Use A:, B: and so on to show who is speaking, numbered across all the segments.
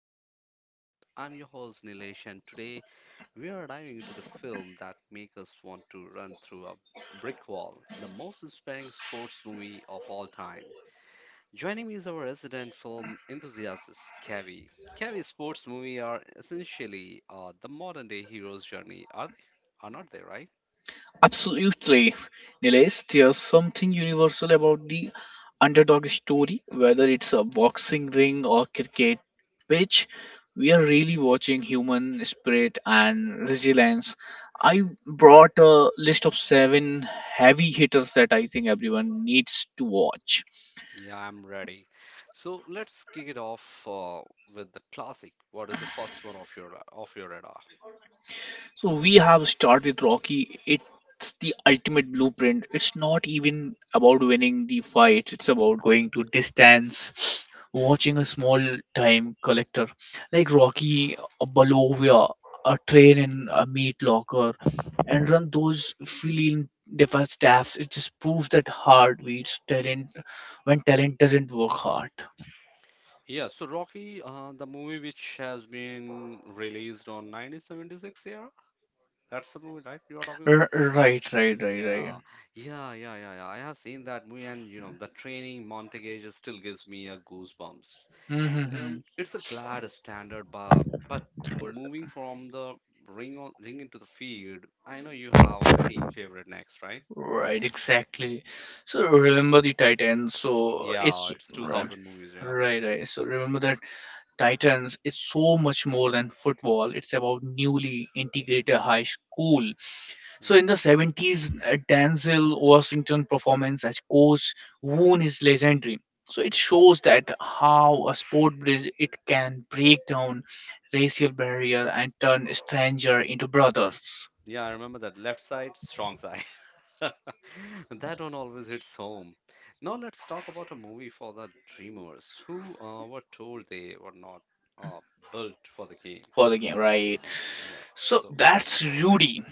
A: Winner podcast. I'm your host Nilesh, and today we are diving into the film that makes us want to run through a brick wall, the most inspiring sports movie of all time. Joining me is our resident film enthusiast, Kavi. Kavi, sports movies are essentially the modern day hero's journey, are they? Are not they, right?
B: Absolutely, Nilesh. There's something universal about the underdog story, whether it's a boxing ring or cricket pitch. We are really watching human spirit and resilience. I brought a list of 7 heavy hitters that I think everyone needs to watch.
A: Yeah, I'm ready. So let's kick it off with the classic. What is the first one of your radar?
B: So we have started with Rocky. It's the ultimate blueprint. It's not even about winning the fight. It's about going to distance, watching a small time collector like Rocky, a Bolovia, a train in a meat locker, and run those feline defense staffs. It just proves that hard beats talent when talent doesn't work hard.
A: Yeah, so Rocky, the movie which has been released on 1976 era. That's the movie, right? You are talking
B: R-
A: about?
B: right, right, right, right.
A: Yeah, yeah, yeah, yeah, yeah. I have seen that movie, and you know, the training montage just still gives me a goosebumps.
B: Mm-hmm.
A: It's a glad standard, but moving from the ring into the field, I know you have a team favorite next, right?
B: Right, exactly. So remember the Titans. So it's
A: Yeah, it's
B: right,
A: 2000 movies, yeah.
B: right. So remember that Titans is so much more than football. It's about newly integrated high school. So in the
A: Mm.
B: '70s, Denzel Washington performance as coach Woon is legendary. So it shows that how a sport bridge it can break down racial barrier and turn stranger into brothers
A: Yeah, I remember that left side, strong side. That one always hits home. Now let's talk about a movie for the dreamers who were told they were not uh, built for the game.
B: for the game, right?
A: Yeah,
B: So
A: so
B: that's Rudy.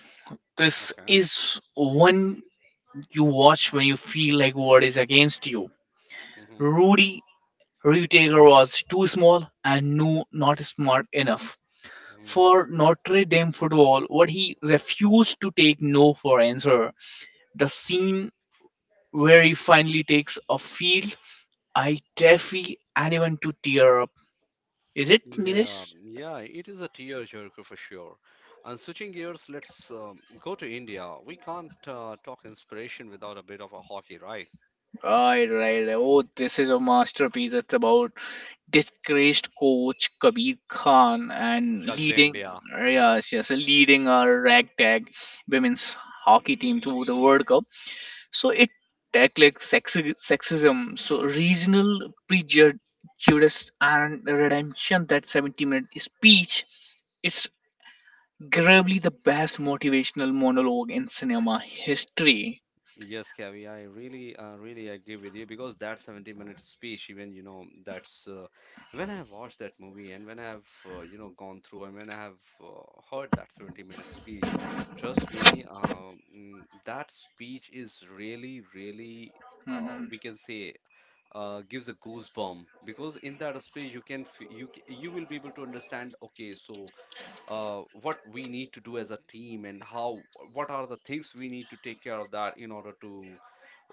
B: This
A: okay.
B: is one you watch when you feel like world is against you.
A: Mm-hmm.
B: Rudy Rutager was too small and no, not smart enough.
A: Hmm.
B: For Notre Dame football, what he refused to take no for answer. The scene where he finally takes a field, I defy anyone to tear up. Is it
A: Yeah,
B: Nilesh?
A: yeah, it is a tearjerker for sure. And switching gears, let's go to India. We can't talk inspiration without a bit of a hockey, right?
B: Right. Oh, this is a masterpiece. It's about disgraced coach Kabir Khan and
A: Shag the
B: leading
A: India.
B: yes, yes,
A: Yes.
B: leading a ragtag women's hockey team to the World Cup. So it tackled sexism, so regional prejudice and redemption. That 70-minute speech, it's probably the best motivational monologue in cinema history.
A: Yes, Kavi, I really, really agree with you because that 70-minute speech, even, you know, that's when I have watched that movie and when I have, you know, gone through and when I have heard that 70-minute speech, trust me, that speech is really, really,
B: Mhm.
A: we can say, gives a goosebump because in that speech you can, you will be able to understand. Okay, so what we need to do as a team and how what are the things we need to take care of that in order to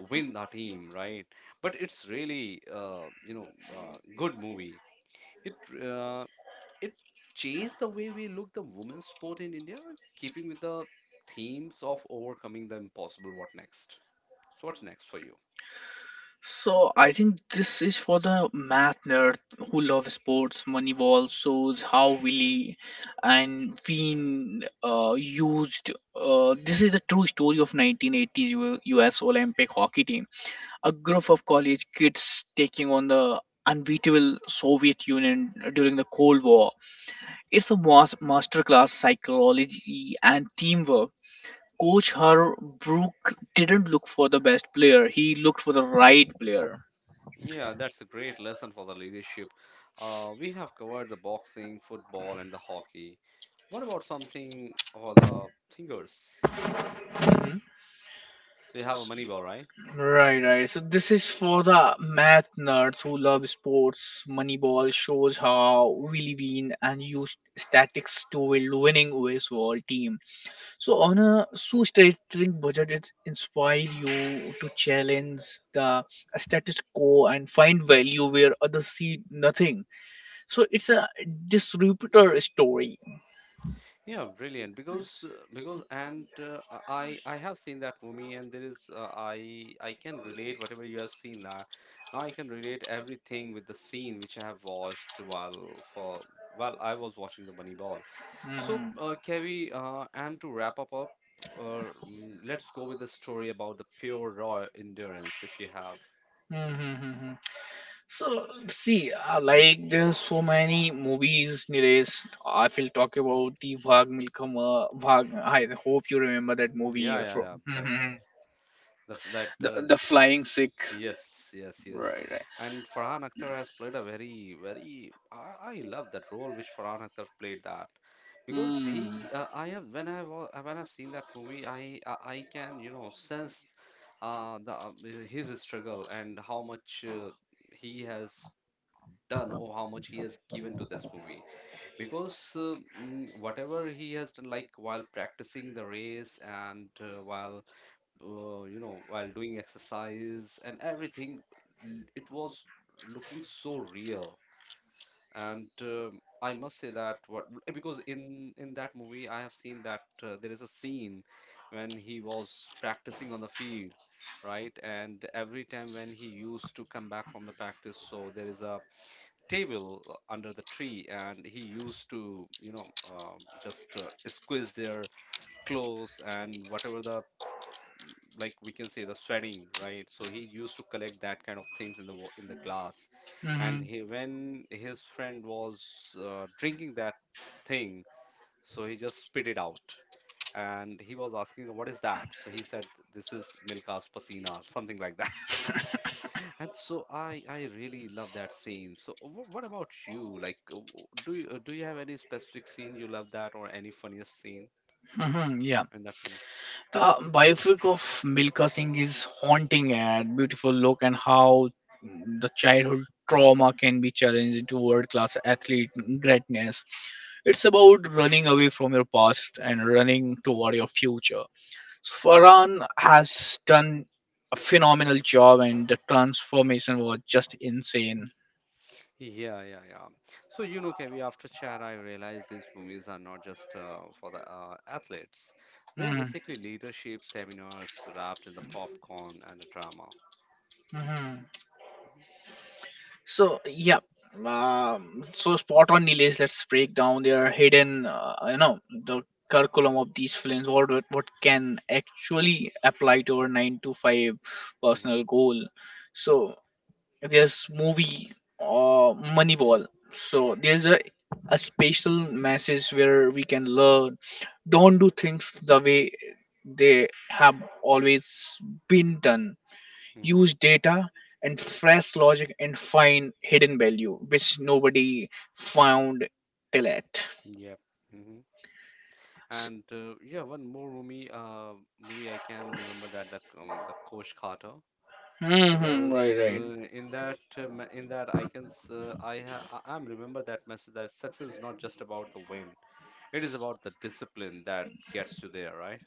A: win the team, right? But it's really you know, good movie it uh, it changed the way we look the women's sport in India, keeping with the themes of overcoming the impossible. What next? So what's next for you?
B: So I think this is for the math nerd who love sports. Moneyball shows how Willy and Wien used. This is the true story of 1980s U.S. Olympic hockey team. A group of college kids taking on the unbeatable Soviet Union during the Cold War. It's a masterclass psychology and teamwork. Coach Har Brook didn't look for the best player; he looked for the right player.
A: Yeah, that's a great lesson for the leadership. We have covered the boxing, football, and the hockey. What about something for the singers? Hmm.
B: Mhm.
A: So you have a money ball, right?
B: Right. So this is for the math nerds who love sports. Moneyball shows how Willie Bean and used statics to build winning baseball team. So on a shoestring budget, it inspire you to challenge the status quo and find value where others see nothing. So it's a disruptor story.
A: Yeah, brilliant. Because and I have seen that movie, and there is I can relate whatever you have seen that. Now I can relate everything with the scene which I have watched while I was watching the Moneyball. So,
B: hmm
A: Kevi, and to wrap up, let's go with the story about the pure raw endurance, if you have.
B: So see, like there's so many movies, Nilesh. I will talk about T Vag Milkama Vag. I hope you remember that movie.
A: Yeah,
B: Yeah,
A: yeah,
B: from.
A: yeah. That's
B: Mhm,
A: the, f- that.
B: the
A: Uh,
B: the Flying Sick.
A: Yes, yes, yes.
B: Right, right.
A: And Farhan Akhtar has played a very. I love that role which Farhan Akhtar played that. Because
B: Hmm.
A: he, I have when I wa- when I've seen that movie, I can you know sense the his struggle and how much he has done or how much he has given to this movie. Because whatever he has done, like while practicing the race and while you know, while doing exercise and everything, it was looking so real. And I must say that, what, because in that movie I have seen that there is a scene when he was practicing on the field, right? And every time when he used to come back from the practice, so there is a table under the tree, and he used to you know just squeeze their clothes and whatever the, like we can say, the sweating, right? So he used to collect that kind of things in the glass, and
B: Mhm.
A: he, when his friend was drinking that thing, so he just spit it out, and he was asking, "What is that?" So he said, "This is Milka's pasina," or something like that. And so I really love that scene. So what about you? Like, do you have any specific scene you love that, or any funniest scene
B: Mhm, Yeah.
A: in that?
B: The biopic of Milka Singh is haunting and beautiful look and how the childhood trauma can be challenged into world class athlete greatness. It's about running away from your past and
A: Mm.
B: running toward your future. So Farhan has done a phenomenal job and the transformation was just insane.
A: Yeah, yeah, yeah. So, you know, Kevi, after Chad, I realized these movies are not just for the athletes. They are
B: Mm.
A: basically leadership seminars wrapped in the popcorn and the drama.
B: Mhm. So yeah, so spot on, Nilesh. Let's break down their hidden, the curriculum of these films. What can actually apply to our 9 to 5
A: Mhm,
B: personal goal. So there's movie, uh, Moneyball. So there's a special message where we can learn. Don't do things the way they have always been done.
A: mhm, mhm.
B: Use data and fresh logic and find hidden value which nobody found till yet.
A: Yep. Hmm.
B: S-
A: And yeah, one more movie I can remember, that the Coach Carter.
B: Mhm, right,
A: Because
B: right.
A: in that I can s- I ha I- I'm remember that message, that success is not just about the win. It is about the discipline that gets you there, right?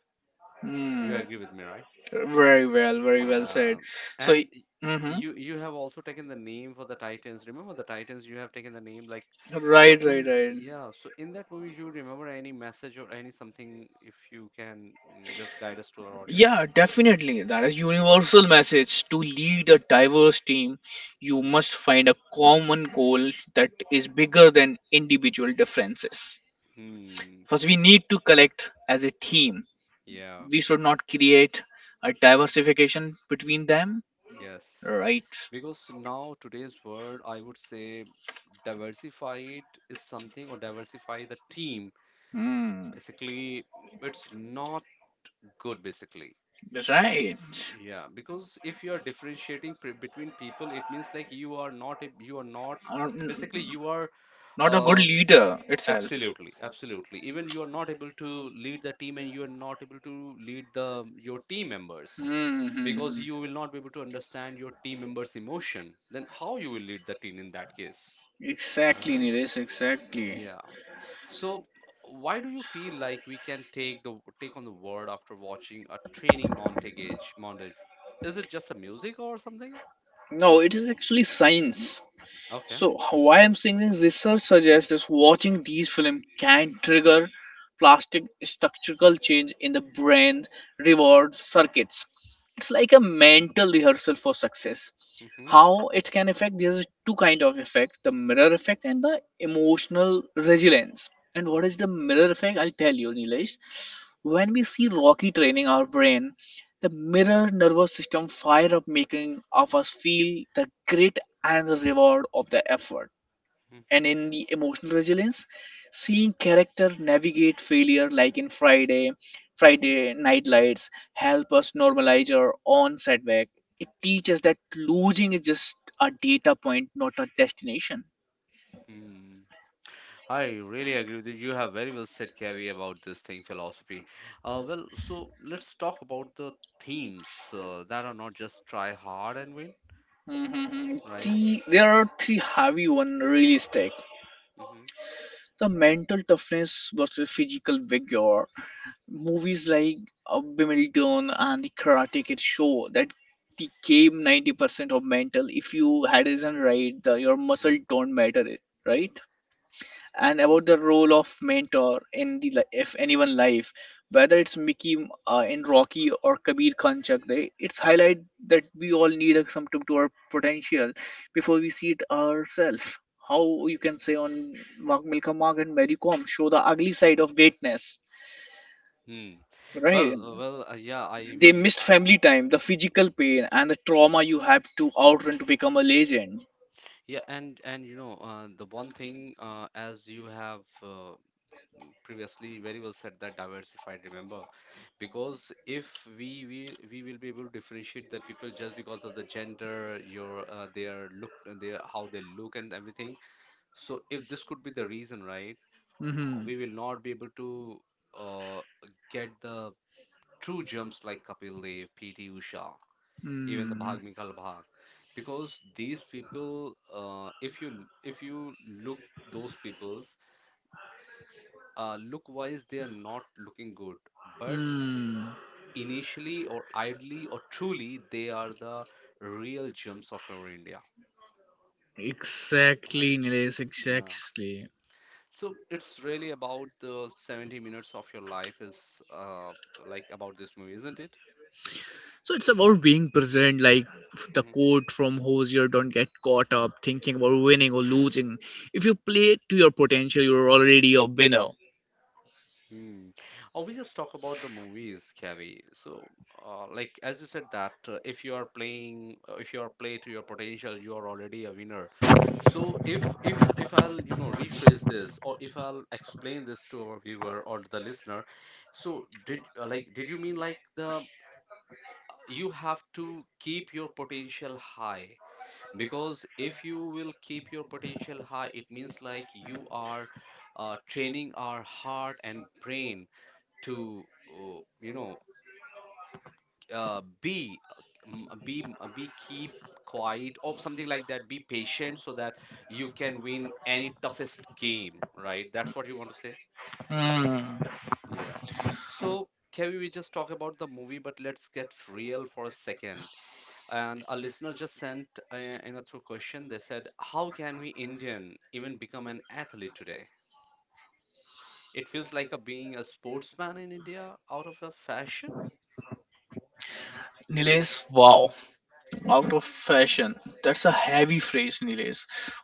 A: You
B: Mm.
A: agree with me, right?
B: Very well, very well said.
A: Yeah.
B: So,
A: And
B: mm-hmm.
A: you, you have also taken the name for the Titans. Remember the Titans, you have taken the name, like so
B: Right, right,
A: in,
B: right.
A: yeah, so in that movie you remember any message or any something, if you can, just guide us to our
B: Yeah,
A: audience?
B: definitely. That is universal message. To lead a diverse team, you must find a common goal that is bigger than individual differences.
A: Mm. Hmm.
B: First, we need to collect as a team.
A: Yeah.
B: We should not create a diversification between them.
A: Yes.
B: Right.
A: Because now today's world, I would say diversified is something, or diversify the team.
B: Hmm.
A: Basically, it's not good basically.
B: Right.
A: Yeah, because if you are differentiating pre between people, it means like you are not a, you are not
B: Um,
A: basically you are
B: not a good
A: um
B: leader itself.
A: Absolutely, absolutely. Even you are not able to lead the team and you are not able to lead the your team members because
B: Mm-hmm.
A: you will not be able to understand your team members' emotion. Then how you will lead the team in that case?
B: Exactly,
A: Right?
B: Nilesh, exactly.
A: Yeah. So why do you feel like we can take on the word after watching a training Montage? Is it just a music or something?
B: No, it is actually science.
A: Okay.
B: So, how I am saying this, research suggests that watching these films can trigger plastic structural change in the brain reward circuits. It's like a mental rehearsal for success.
A: Hmm.
B: How it can affect, there's two kind of effect: the mirror effect and the emotional resilience. And what is the mirror effect? I'll tell you, Nilesh. When we see Rocky training, our brain, the mirror nervous system fire up, making of us feel the grit and the reward of the effort. And in the emotional resilience, seeing character navigate failure like in Friday Night Lights help us normalize our own setback. It teaches that losing is just a data point, not a destination.
A: Mhm. I really agree with you. You have very well said, Kavi, about this thing, philosophy. Well, so let's talk about the themes that are not just try hard and win, right?
B: The, there are three heavy one really stick.
A: Mhm.
B: The mental toughness versus physical vigor. Movies like Bimilton and the Karate Kid show that the game 90% of mental. If you had isn't right the, your muscle don't matter it right. And about the role of mentor in the if anyone life, whether it's Mickey in Rocky or Kabir Khan Chak Day, it's highlight that we all need a symptom to our potential before we see it ourselves. How you can say on Wag Milka Mark and Mary Kom show the ugly side of greatness,
A: Hmm.
B: right?
A: Well, yeah, I
B: They
A: we
B: missed family time, the physical pain and the trauma you have to outrun to become a legend.
A: yeah, and you know, the one thing as you have previously very well said, that diversified, remember, because if we will be able to differentiate the people just because of the gender, your their look, their how they look and everything. So if this could be the reason, right?
B: Hmm.
A: We will not be able to uh, get the true gems like Kapil Dev, PT Usha, even the
B: Mm.
A: Bhag Mikhal Bhag, because these people, if you, if you look those people's look wise, they are not looking good, but
B: Mm.
A: initially or idly or truly, they are the real gems of your India,
B: Exactly,
A: right?
B: Nilesh,
A: Yeah.
B: exactly.
A: So it's really about the 70 minutes of your life, is uh, like, about this movie, isn't it?
B: So it's about being present, like the
A: Mm-hmm.
B: quote from Hosier: don't get caught up thinking about winning or losing. If you play to your potential, you're already a winner.
A: Hmm. Or we just talk about the movies, Kavi. So, like as you said that if you are play to your potential, you are already a winner. So if I'll you know rephrase this, or if I'll explain this to our viewer or the listener, so did like did you mean like the you have to keep your potential high? Because if you will keep your potential high, it means like you are training our heart and brain to you know be be keep quiet or something like that, be patient so that you can win any toughest game, right? That's what you want to say.
B: Hmm.
A: Yeah, so can we just talk about the movie, but let's get real for a second, and a listener just sent in a through question. They said, how can we Indian even become an athlete today? It feels like a being a sportsman in India out of a fashion.
B: Nilesh, wow. Out of fashion, that's a heavy phrase, Nilesh,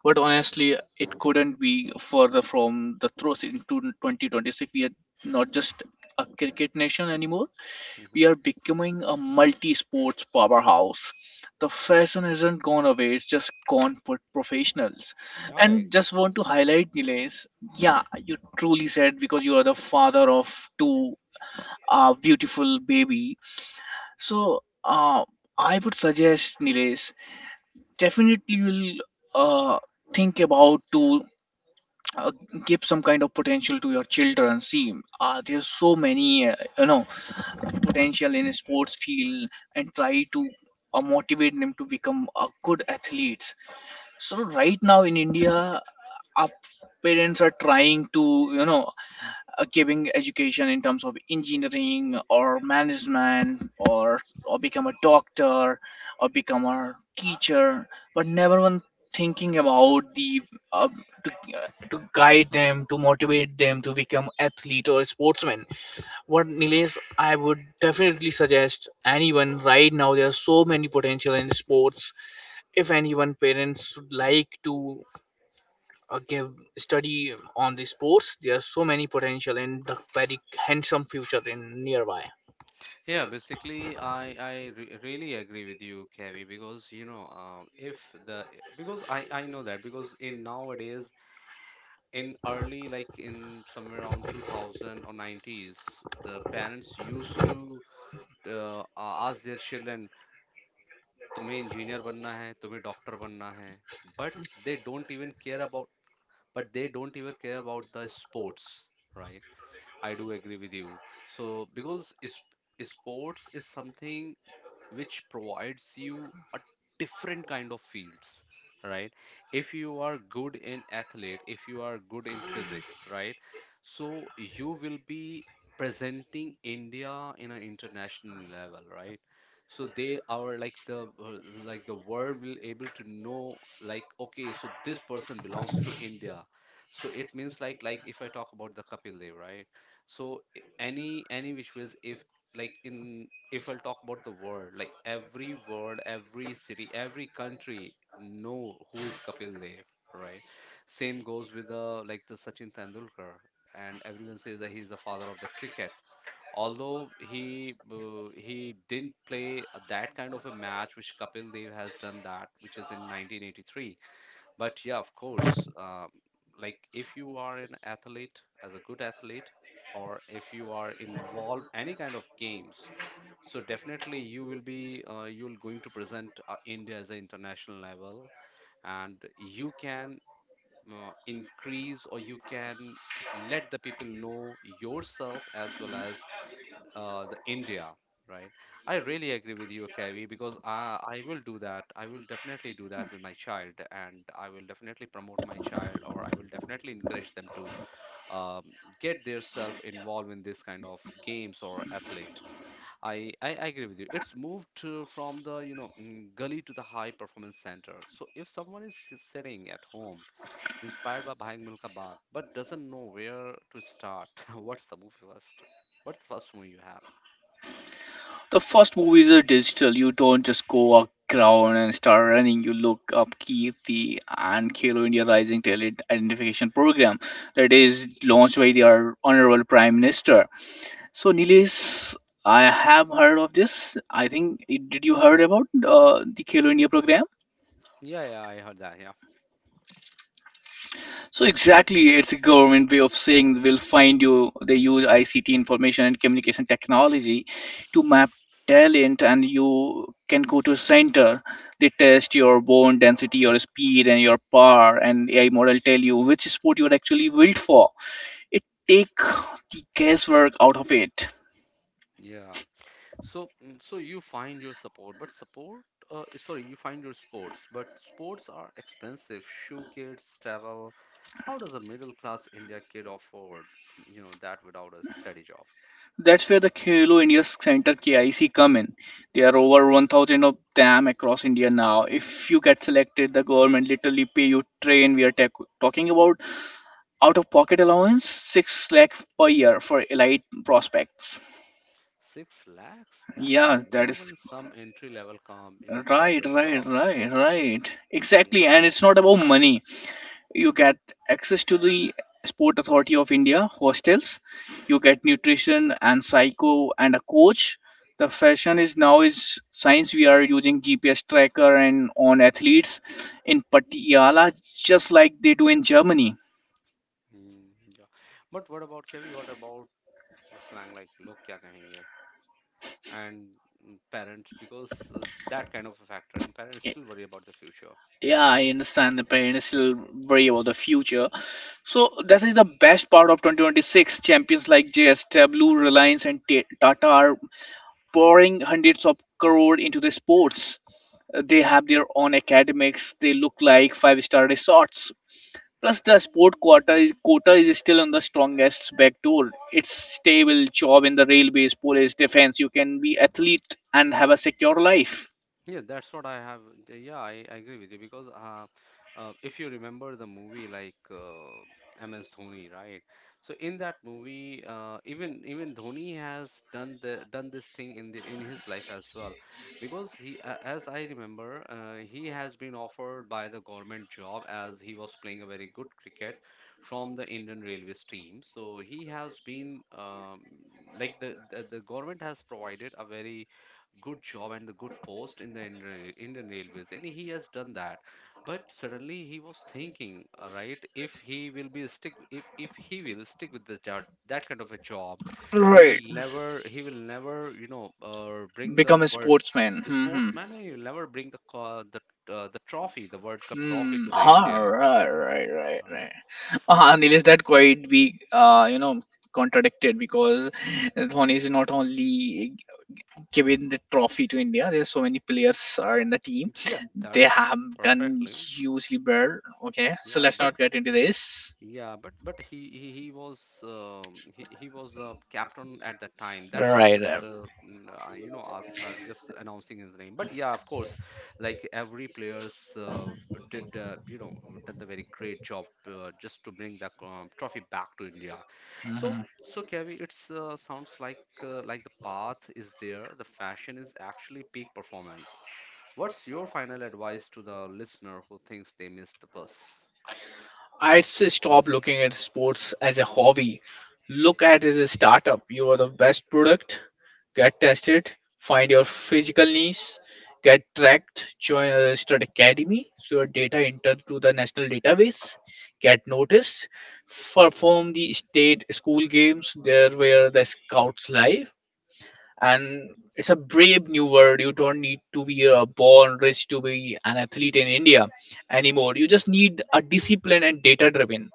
B: but honestly, it couldn't be further from the truth. In 2026, we are not just a cricket nation anymore. We
A: Mhm.
B: are becoming a multi-sports powerhouse. The fashion hasn't gone away, it's just gone for professionals.
A: Yeah, I
B: And
A: agree.
B: just want to highlight, Nilesh, yeah you truly said, because you are the father of 2 beautiful baby. So I would suggest, Nilesh, definitely you'll uh, think about to uh, give some kind of potential to your children. See, there's so many potential in a sports field, and try to motivate them to become a good athletes. So right now in India, our parents are trying to, you know, giving education in terms of engineering or management, or become a doctor or become a teacher, but never one thinking about the, uh, to, to guide them, to motivate them to become athlete or sportsman. What, Nilesh, I would definitely suggest anyone right now, there are so many potential in sports. If anyone parents would like to give study on the sports, there are so many potential and the very handsome future in nearby.
A: Yeah, basically, I re really agree with you, Kavi, because if the because I know that because in nowadays in early like in somewhere around 2000 or 90s the parents used to ask their children तुम्हें engineer बनना है तुम्हें doctor बनना है but they don't even care about but they don't even care about the sports, right? I do agree with you. So because is, sports is something which provides you a different kind of fields, right? If you are good in athlete, if you are good in physics, right? So you will be presenting India in an international level, right? So they are like the world will able to know, like, okay, so this person belongs to India. So it means like if I talk about the Kapil Dev, right? So any any which ways if like in if I'll talk about the world, like every world, every city, every country know who is Kapil Dev, right? Same goes with the like the Sachin Tendulkar, and everyone says that he's the father of the cricket. Although he didn't play that kind of a match which Kapil Dev has done that, which is in 1983. But yeah, of course, like if you are an athlete, as a good athlete, or if you are involved any kind of games, so definitely you will be you'll going to present India as an international level, and you can increase or you can let the people know yourself as well as the India, right? I really agree with you, Kavi, because I will do that. I will definitely do that with my child, and I will definitely promote my child or I will definitely encourage them to um, get theirself involved in this kind of games or athlete. I agree with you. It's moved to, from the gully to the high performance center. So if someone is sitting at home, inspired by buying Milka Bag, but doesn't know where to start, what's the movie first? What's the first movie you have?
B: The first movies are digital. You don't just go a ground and start running. You look up Keerthi and Khelo India Rising Talent Identification Program that is launched by the our Honorable Prime Minister. So Nilesh, I have heard of this. I think, did you heard about the Khelo India program?
A: Yeah, yeah, I heard that. Yeah,
B: So exactly, it's a government way of saying we'll find you. They use ICT, information and communication technology, to map talent, and you can go to a center. They test your bone density, your speed, and your power, and AI model tell you which sport you're actually built for. It take the guesswork out of it.
A: yeah. So so you find your support, but support. Sorry, you find your sports, but sports are expensive. Shoe kits, travel. How does a middle class India kid afford that without a steady job?
B: That's where the Khelo India Center KIC come in. There are over 1,000 of them across India now. If you get selected, the government literally pay you train. We are talking about out-of-pocket allowance, 6 lakh per year for elite prospects.
A: Six lakhs? That's
B: Yeah, that
A: more
B: is
A: than some entry level you know, corporate jobs.
B: right.
A: Yeah.
B: Exactly, and it's not about money. You get access to the sport authority of India hostels. You get nutrition and psycho and a coach. The fashion is now is science. We are using GPS tracker and on athletes in Patiala, just like they do in Germany.
A: Hmm, yeah. But what about Kavi? What about the slang like "log kya kahenge" and parents? Because that kind of a factor, and parents
B: Y-
A: still worry about the future.
B: yeah, I understand the parents still worry about the future. So that is the best part of 2026. Champions like JSW, Reliance and Tata are pouring hundreds of crore into the sports. They have their own academics. They look like five-star resorts. Plus, the sport quota is still on the strongest back door. It's stable job in the railways, police, defense. You can be athlete and have a secure life.
A: Yeah, that's what I have. Yeah, I agree with you because if you remember the movie like MS Dhoni, right? So in that movie, even Dhoni has done the done this thing in the in his life as well, because as I remember, he has been offered by the government job as he was playing a very good cricket from the Indian Railways team. So he has been like the government has provided a very good job and the good post in the Indian, Indian Railways, and he has done that. But suddenly he was thinking, right, if he will be stick, if he will stick with the job, that kind of a job,
B: Right.
A: he will never, bring the
B: Become a
A: word
B: sportsman. Hmm.
A: sportsman, and he will never bring the trophy, the World Cup trophy
B: Hmm.
A: to the
B: Huh,
A: India, right? So.
B: Nilesh, that quite be, contradicted because Dhoni is not only given the trophy to India. There's so many players are in the team.
A: Yeah,
B: They have
A: that's
B: done
A: perfectly.
B: hugely well. Okay, so
A: Yeah,
B: let's
A: but
B: not get into this.
A: yeah, but he was he was the captain at that time. That's why I
B: Right.
A: just you know ask, just announcing his name. But yeah, of course, like every players did you know did a very great job just to bring the trophy back to India. So
B: Mhm.
A: so Kevi, it's sounds like the path is there. The fashion is actually peak performance. What's your final advice to the listener who thinks they missed the bus?
B: I'd say stop looking at sports as a hobby. Look at it as a startup. You are the best product. Get tested. Find your physical niche. Get tracked. Join a registered academy. So your data entered to the national database. Get noticed. Perform the state school games. There where the scouts live. And it's a brave new world. You don't need to be a born rich to be an athlete in India anymore. You just need a discipline and data driven,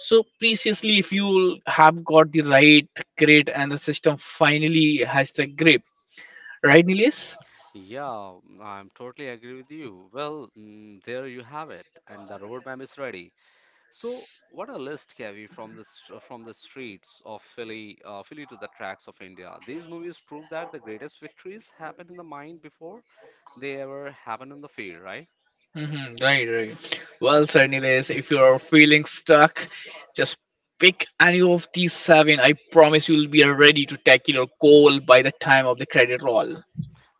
B: so preciously if you have got the right grid and the system finally has the grip, right, Nilesh?
A: Yeah, I'm totally agree with you. Well, there you have it, and the roadmap is ready. So, what a list, Kavi, from the from the streets of Philly, Philly to the tracks of India. These movies prove that the greatest victories happen in the mind before they ever happen in the field, right?
B: Hmm, right, right. Well, sir Nilesh, if you are feeling stuck, just pick any of these seven. I promise you'll be ready to tackle your goal by the time of the credit roll.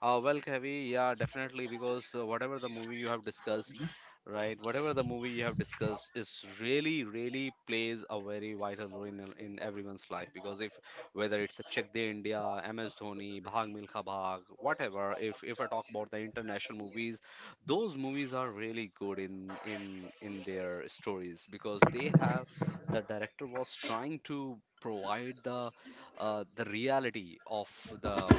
A: Well, Kavi, yeah, definitely, because whatever the movie you have discussed, right, whatever the movie you have discussed is really, really plays a very vital role in everyone's life. Because if whether it's a Chak De India, MS Dhoni, Bhag Milkha Bhag, whatever, if I talk about the international movies, those movies are really good in in their stories because they have the director was trying to provide the uh, the reality of the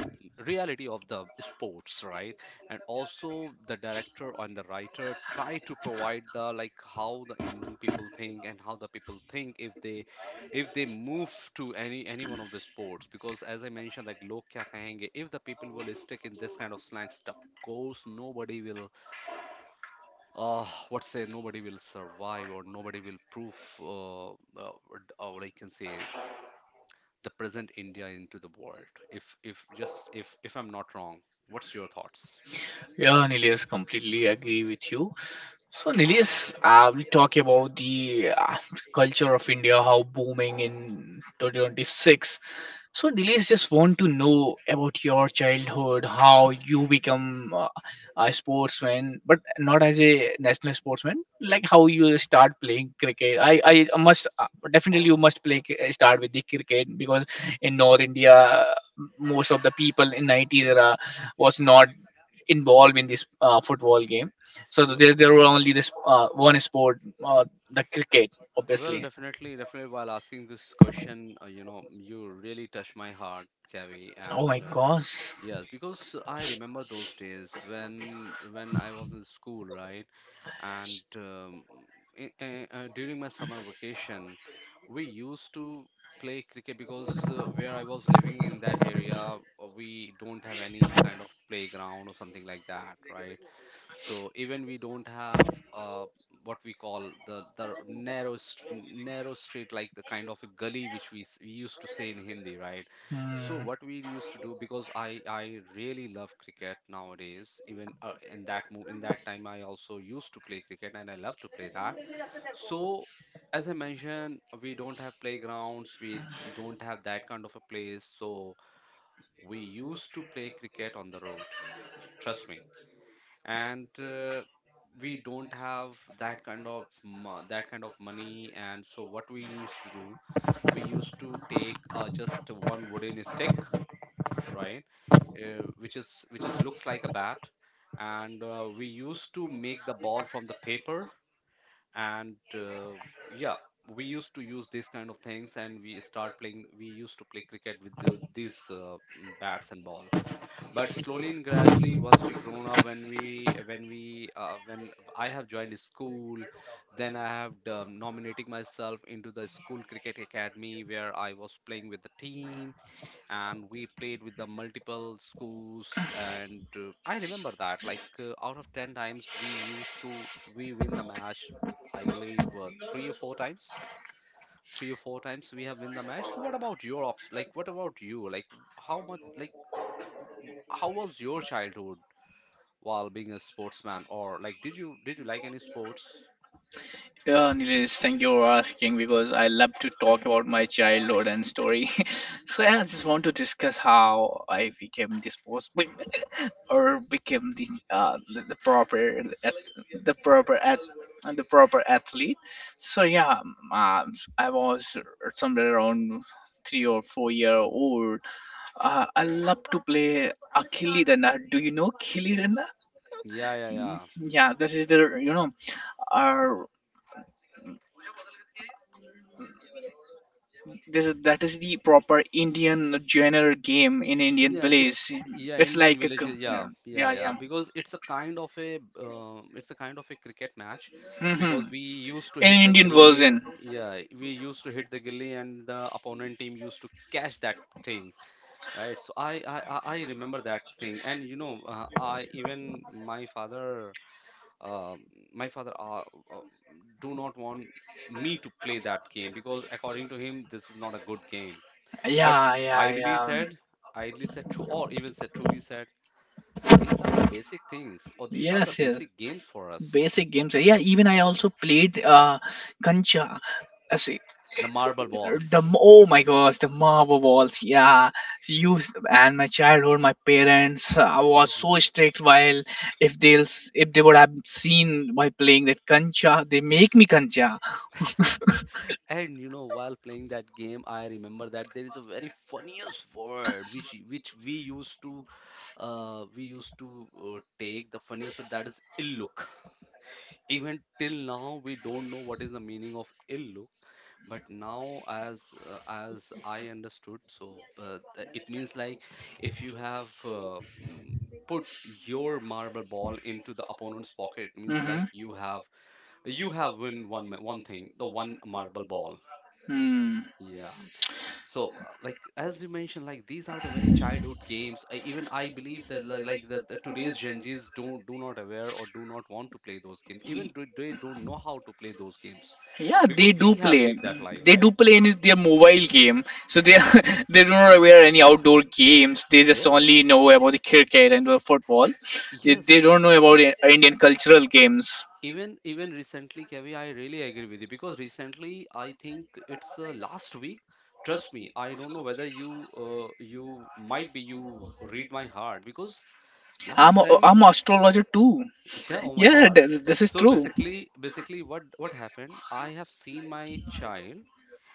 A: reality of the sports, right? And also the director and the writer try to provide the like how the indian people think and how the people think if they move to any one of the sports, because as I mentioned, like log kya kahenge, if the people will stick in this kind of slang stuff, course nobody will what say nobody will survive or nobody will prove uh, or I can say the present India into the world. If just if I'm not wrong, what's your thoughts?
B: Yeah, Nilesh, completely agree with you. So Nilesh, we talk about the culture of India, how booming in 2026. So Nilesh, just want to know about your childhood, how you become a sportsman, but not as a national sportsman. Like how you start playing cricket. I must definitely, you must start with the cricket, because in North India most of the people in 90s era was not involved in this football game. So
A: W-
B: there were only this one sport, the cricket,
A: Well,
B: obviously.
A: definitely, definitely. While asking this question, you know, you really touch my heart, Kavi,
B: Oh
A: and
B: my gosh.
A: yes, because I remember those days when I was in school, right? And during my summer vacation, we used to play cricket because where I was living in that area, we don't have any kind of playground or something like that, right? So even we don't have what we call the narrow street, like the kind of a gully which we used to say in Hindi, right? So
B: Hmm.
A: what we used to do, because I really love cricket nowadays. Even in that time, I also used to play cricket and I love to play that. So as I mentioned, we don't have playgrounds, we don't have that kind of a place. So we used to play cricket on the road. Trust me, and we don't have that kind of that kind of money, and so what we used to do, we used to take just one wooden stick, right, which is looks like a bat, and we used to make the ball from the paper, and yeah we used to use these kind of things and we start playing, we used to play cricket with the, these bats and ball. But slowly and gradually, once we grown up, when we when we when I have joined a school, then I have nominating myself into the school cricket academy where I was playing with the team, and we played with the multiple schools. And I remember that like out of ten times we used to we win the match, I believe three or four times. Three or four times we have win the match. So what about your ops? Like what about you? Like how much? Like how was your childhood? While being a sportsman, or like did you like any sports?
B: Yeah, Nilesh, thank you for asking, because I love to talk about my childhood and story. So yeah, I just want to discuss how I became this post or became the the proper ath- the proper at the proper athlete. So yeah, I was somewhere around 3 or 4 years old. I love to play a killi danda. Do you know killi danda?
A: Yeah, yeah, yeah.
B: Yeah, this is the. uh, this is that is the proper Indian genre game in Indian
A: Yeah, it's
B: village.
A: yeah,
B: It's
A: Indian
B: like a,
A: villages.
B: yeah,
A: Yeah, yeah,
B: yeah,
A: yeah.
B: yeah.
A: Because it's a kind of a it's a kind of a cricket match because
B: Mhm.
A: we used to
B: In
A: hit the
B: Indian
A: gilly.
B: version.
A: Yeah, we used to hit the gilly, and the opponent team used to catch that thing, right? So I remember that thing, and you know, I even my father um, my father uh, uh, do not want me to play that game, because according to him this is not a good game. But
B: Yeah, yeah,
A: ideally
B: yeah.
A: said ideally said true, or even said, truly said, these are the basic things or these are the
B: Yes, yes.
A: basic games for us.
B: Basic games. Yeah, even I also played Kancha.
A: The marble balls.
B: Oh my gosh, the marble walls, yeah. So and my childhood, my parents, I was
A: Mhm.
B: so strict while, if they would have seen while playing that kancha, they make me kancha.
A: And you know, while playing that game, I remember that there is a very funniest word which we used to take the funniest word, that is ill look. Even till now, we don't know what is the meaning of ill look. But now, as I understood, so it means like if you have put your marble ball into the opponent's pocket, it means
B: Mm-hmm.
A: like you have win one one thing, the one marble ball.
B: Hmm.
A: Yeah. So, like as you mentioned, like these are the very childhood games. I, even I believe that like that the today's Gen Zs don't do not aware or do not want to play those games. Even do, they don't know how to play those games
B: Yeah, they
A: because
B: do
A: we have
B: play.
A: lived that life,
B: They do
A: right?
B: play in their mobile game, so they are- they do not aware any outdoor games. They just
A: Yes,
B: only know about the cricket and the football. They
A: yes,
B: don't know about
A: yes.
B: Indian cultural games.
A: Even even recently, Kavi, I really agree with you because recently I think it's last week. Trust me, I don't know whether you you might be you read my heart because
B: I'm
A: last
B: a,
A: time.
B: I'm an astrologer too.
A: Yeah, oh my
B: Yeah,
A: God.
B: this is
A: So
B: true.
A: basically, basically what happened? I have seen my child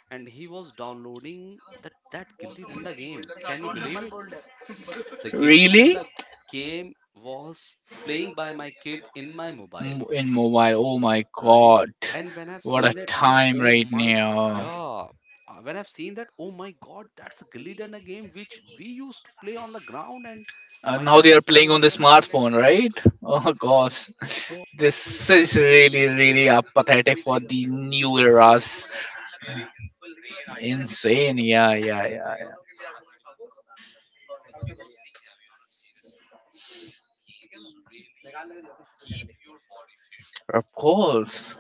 A: and he was downloading that Gilli Danda game. Can you believe it? The Gilli
B: Really?
A: Danda game was playing by my kid in my mobile,
B: M- In mobile. Oh my
A: right?
B: god.
A: And when I've
B: What a
A: seen that, I'm like,
B: time
A: oh
B: right
A: my,
B: now.
A: yeah. When I've seen that, oh my God, that's a Gilli Danda game which we used to play on the ground, and my
B: Now
A: child
B: they
A: is
B: are
A: playing
B: playing
A: on the
B: on the
A: point.
B: smartphone, right? Oh gosh.
A: So I.
B: This is really, really pathetic for the new eras. Insane. Yeah, yeah, yeah. Yeah. Of course.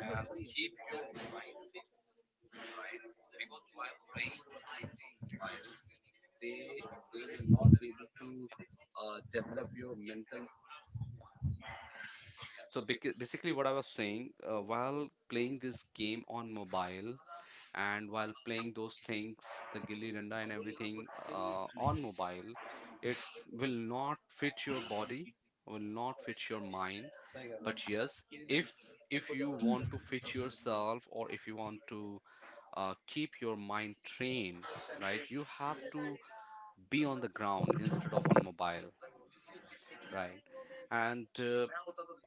A: Yeah, so basically, what I was saying, while playing this game on mobile and while playing those things, the gilli danda and everything on mobile, it will not fit your body, will not fit your mind. But yes, if you want to fit yourself or if you want to keep your mind trained, right, you have to be on the ground instead of on mobile, right? And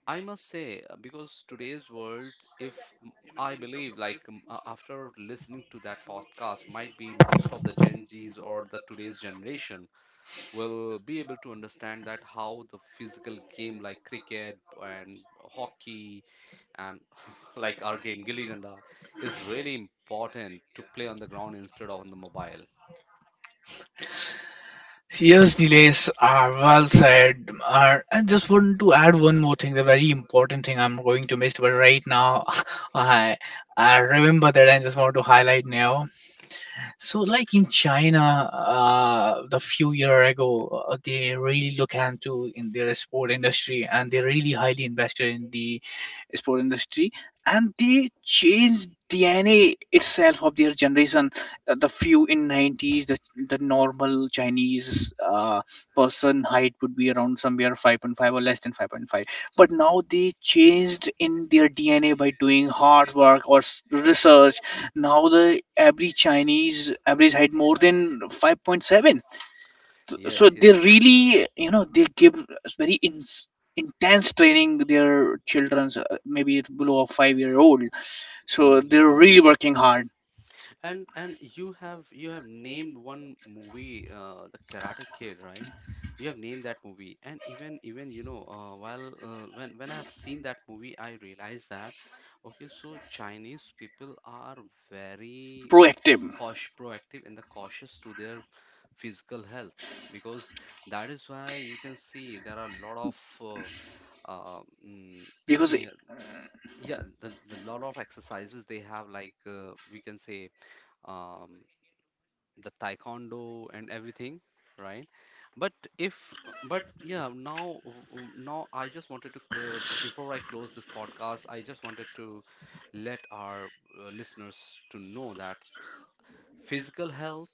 A: I must say, because today's world, if m- I believe, like after listening to that podcast, might be most of the Gen Zs or the today's generation will be able to understand that how the physical game like cricket and hockey and like our game Gilli Danda is really important to play on the ground instead of on the mobile.
B: Yes, Nilesh, well said. I just want to add one more thing, the very important thing I'm going to miss, but right now I, I remember that I just want to highlight now. So, like in China, the few year ago, they really look into in their sport industry, and they really highly invested in the sport industry, and they changed DNA itself of their generation. The few in nineties, the normal Chinese person height would be around somewhere 5.5 or less than 5.5, but now they changed in their DNA by doing hard work or research. Now the average Chinese average height more than 5.7, so
A: Yes,
B: they
A: yes, yes.
B: really, you know, they give us very intense training. Their children's, maybe it below a 5-year old, so they're
A: Mhm.
B: really working hard,
A: And you have named one movie, the Karate Kid, right? You have named that movie, and even even you know, while when I've seen that movie, I realized that okay, so Chinese people are very
B: proactive,
A: cautious, proactive, and the cautious to their physical health, because that is why you can see there are a lot of uh, mm, i
B: because
A: i- yeah, the lot of exercises they have, like we can say um, the taekwondo and everything, right? But if, but yeah, now, now I just wanted to, before I close this podcast, I just wanted to let our listeners to know that physical health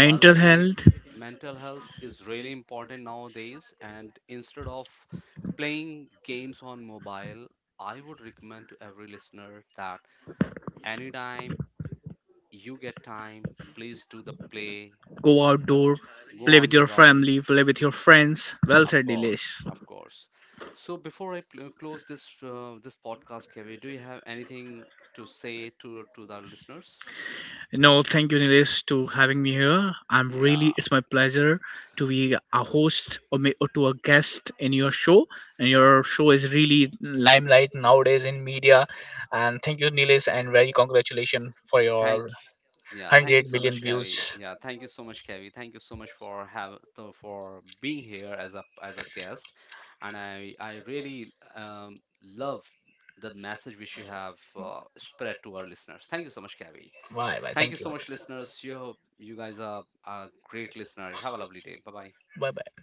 A: while playing
B: health,
A: mental health is really important nowadays, and instead of playing games on mobile, I would recommend to every listener that anytime you get time, please do the play,
B: go outdoor,
A: go
B: play with
A: on the
B: your
A: round.
B: family, play with your friends. Well
A: Of
B: said, Dilesh.
A: course, of course. So before close this this podcast, kevin, do you have anything to say to the listeners?
B: No, thank you, Nilesh, to having me here. I'm
A: Yeah,
B: really, it's my pleasure to be a host or, may, or to a guest in your show. And your show is really limelight nowadays in media. And thank you, Nilesh, and very congratulations for your
A: thank. Yeah, thank you
B: 100
A: so much,
B: million
A: Kavi.
B: views.
A: Yeah, thank you so much, Kavi. Thank you so much for have to, for being here as a guest, and I really love the message which you have spread to our listeners. Thank you so much, Kavi.
B: Bye bye.
A: Thank you
B: Thank you.
A: so much, listeners. You hope you guys are a great listener. Have a lovely day. Bye bye.
B: Bye bye.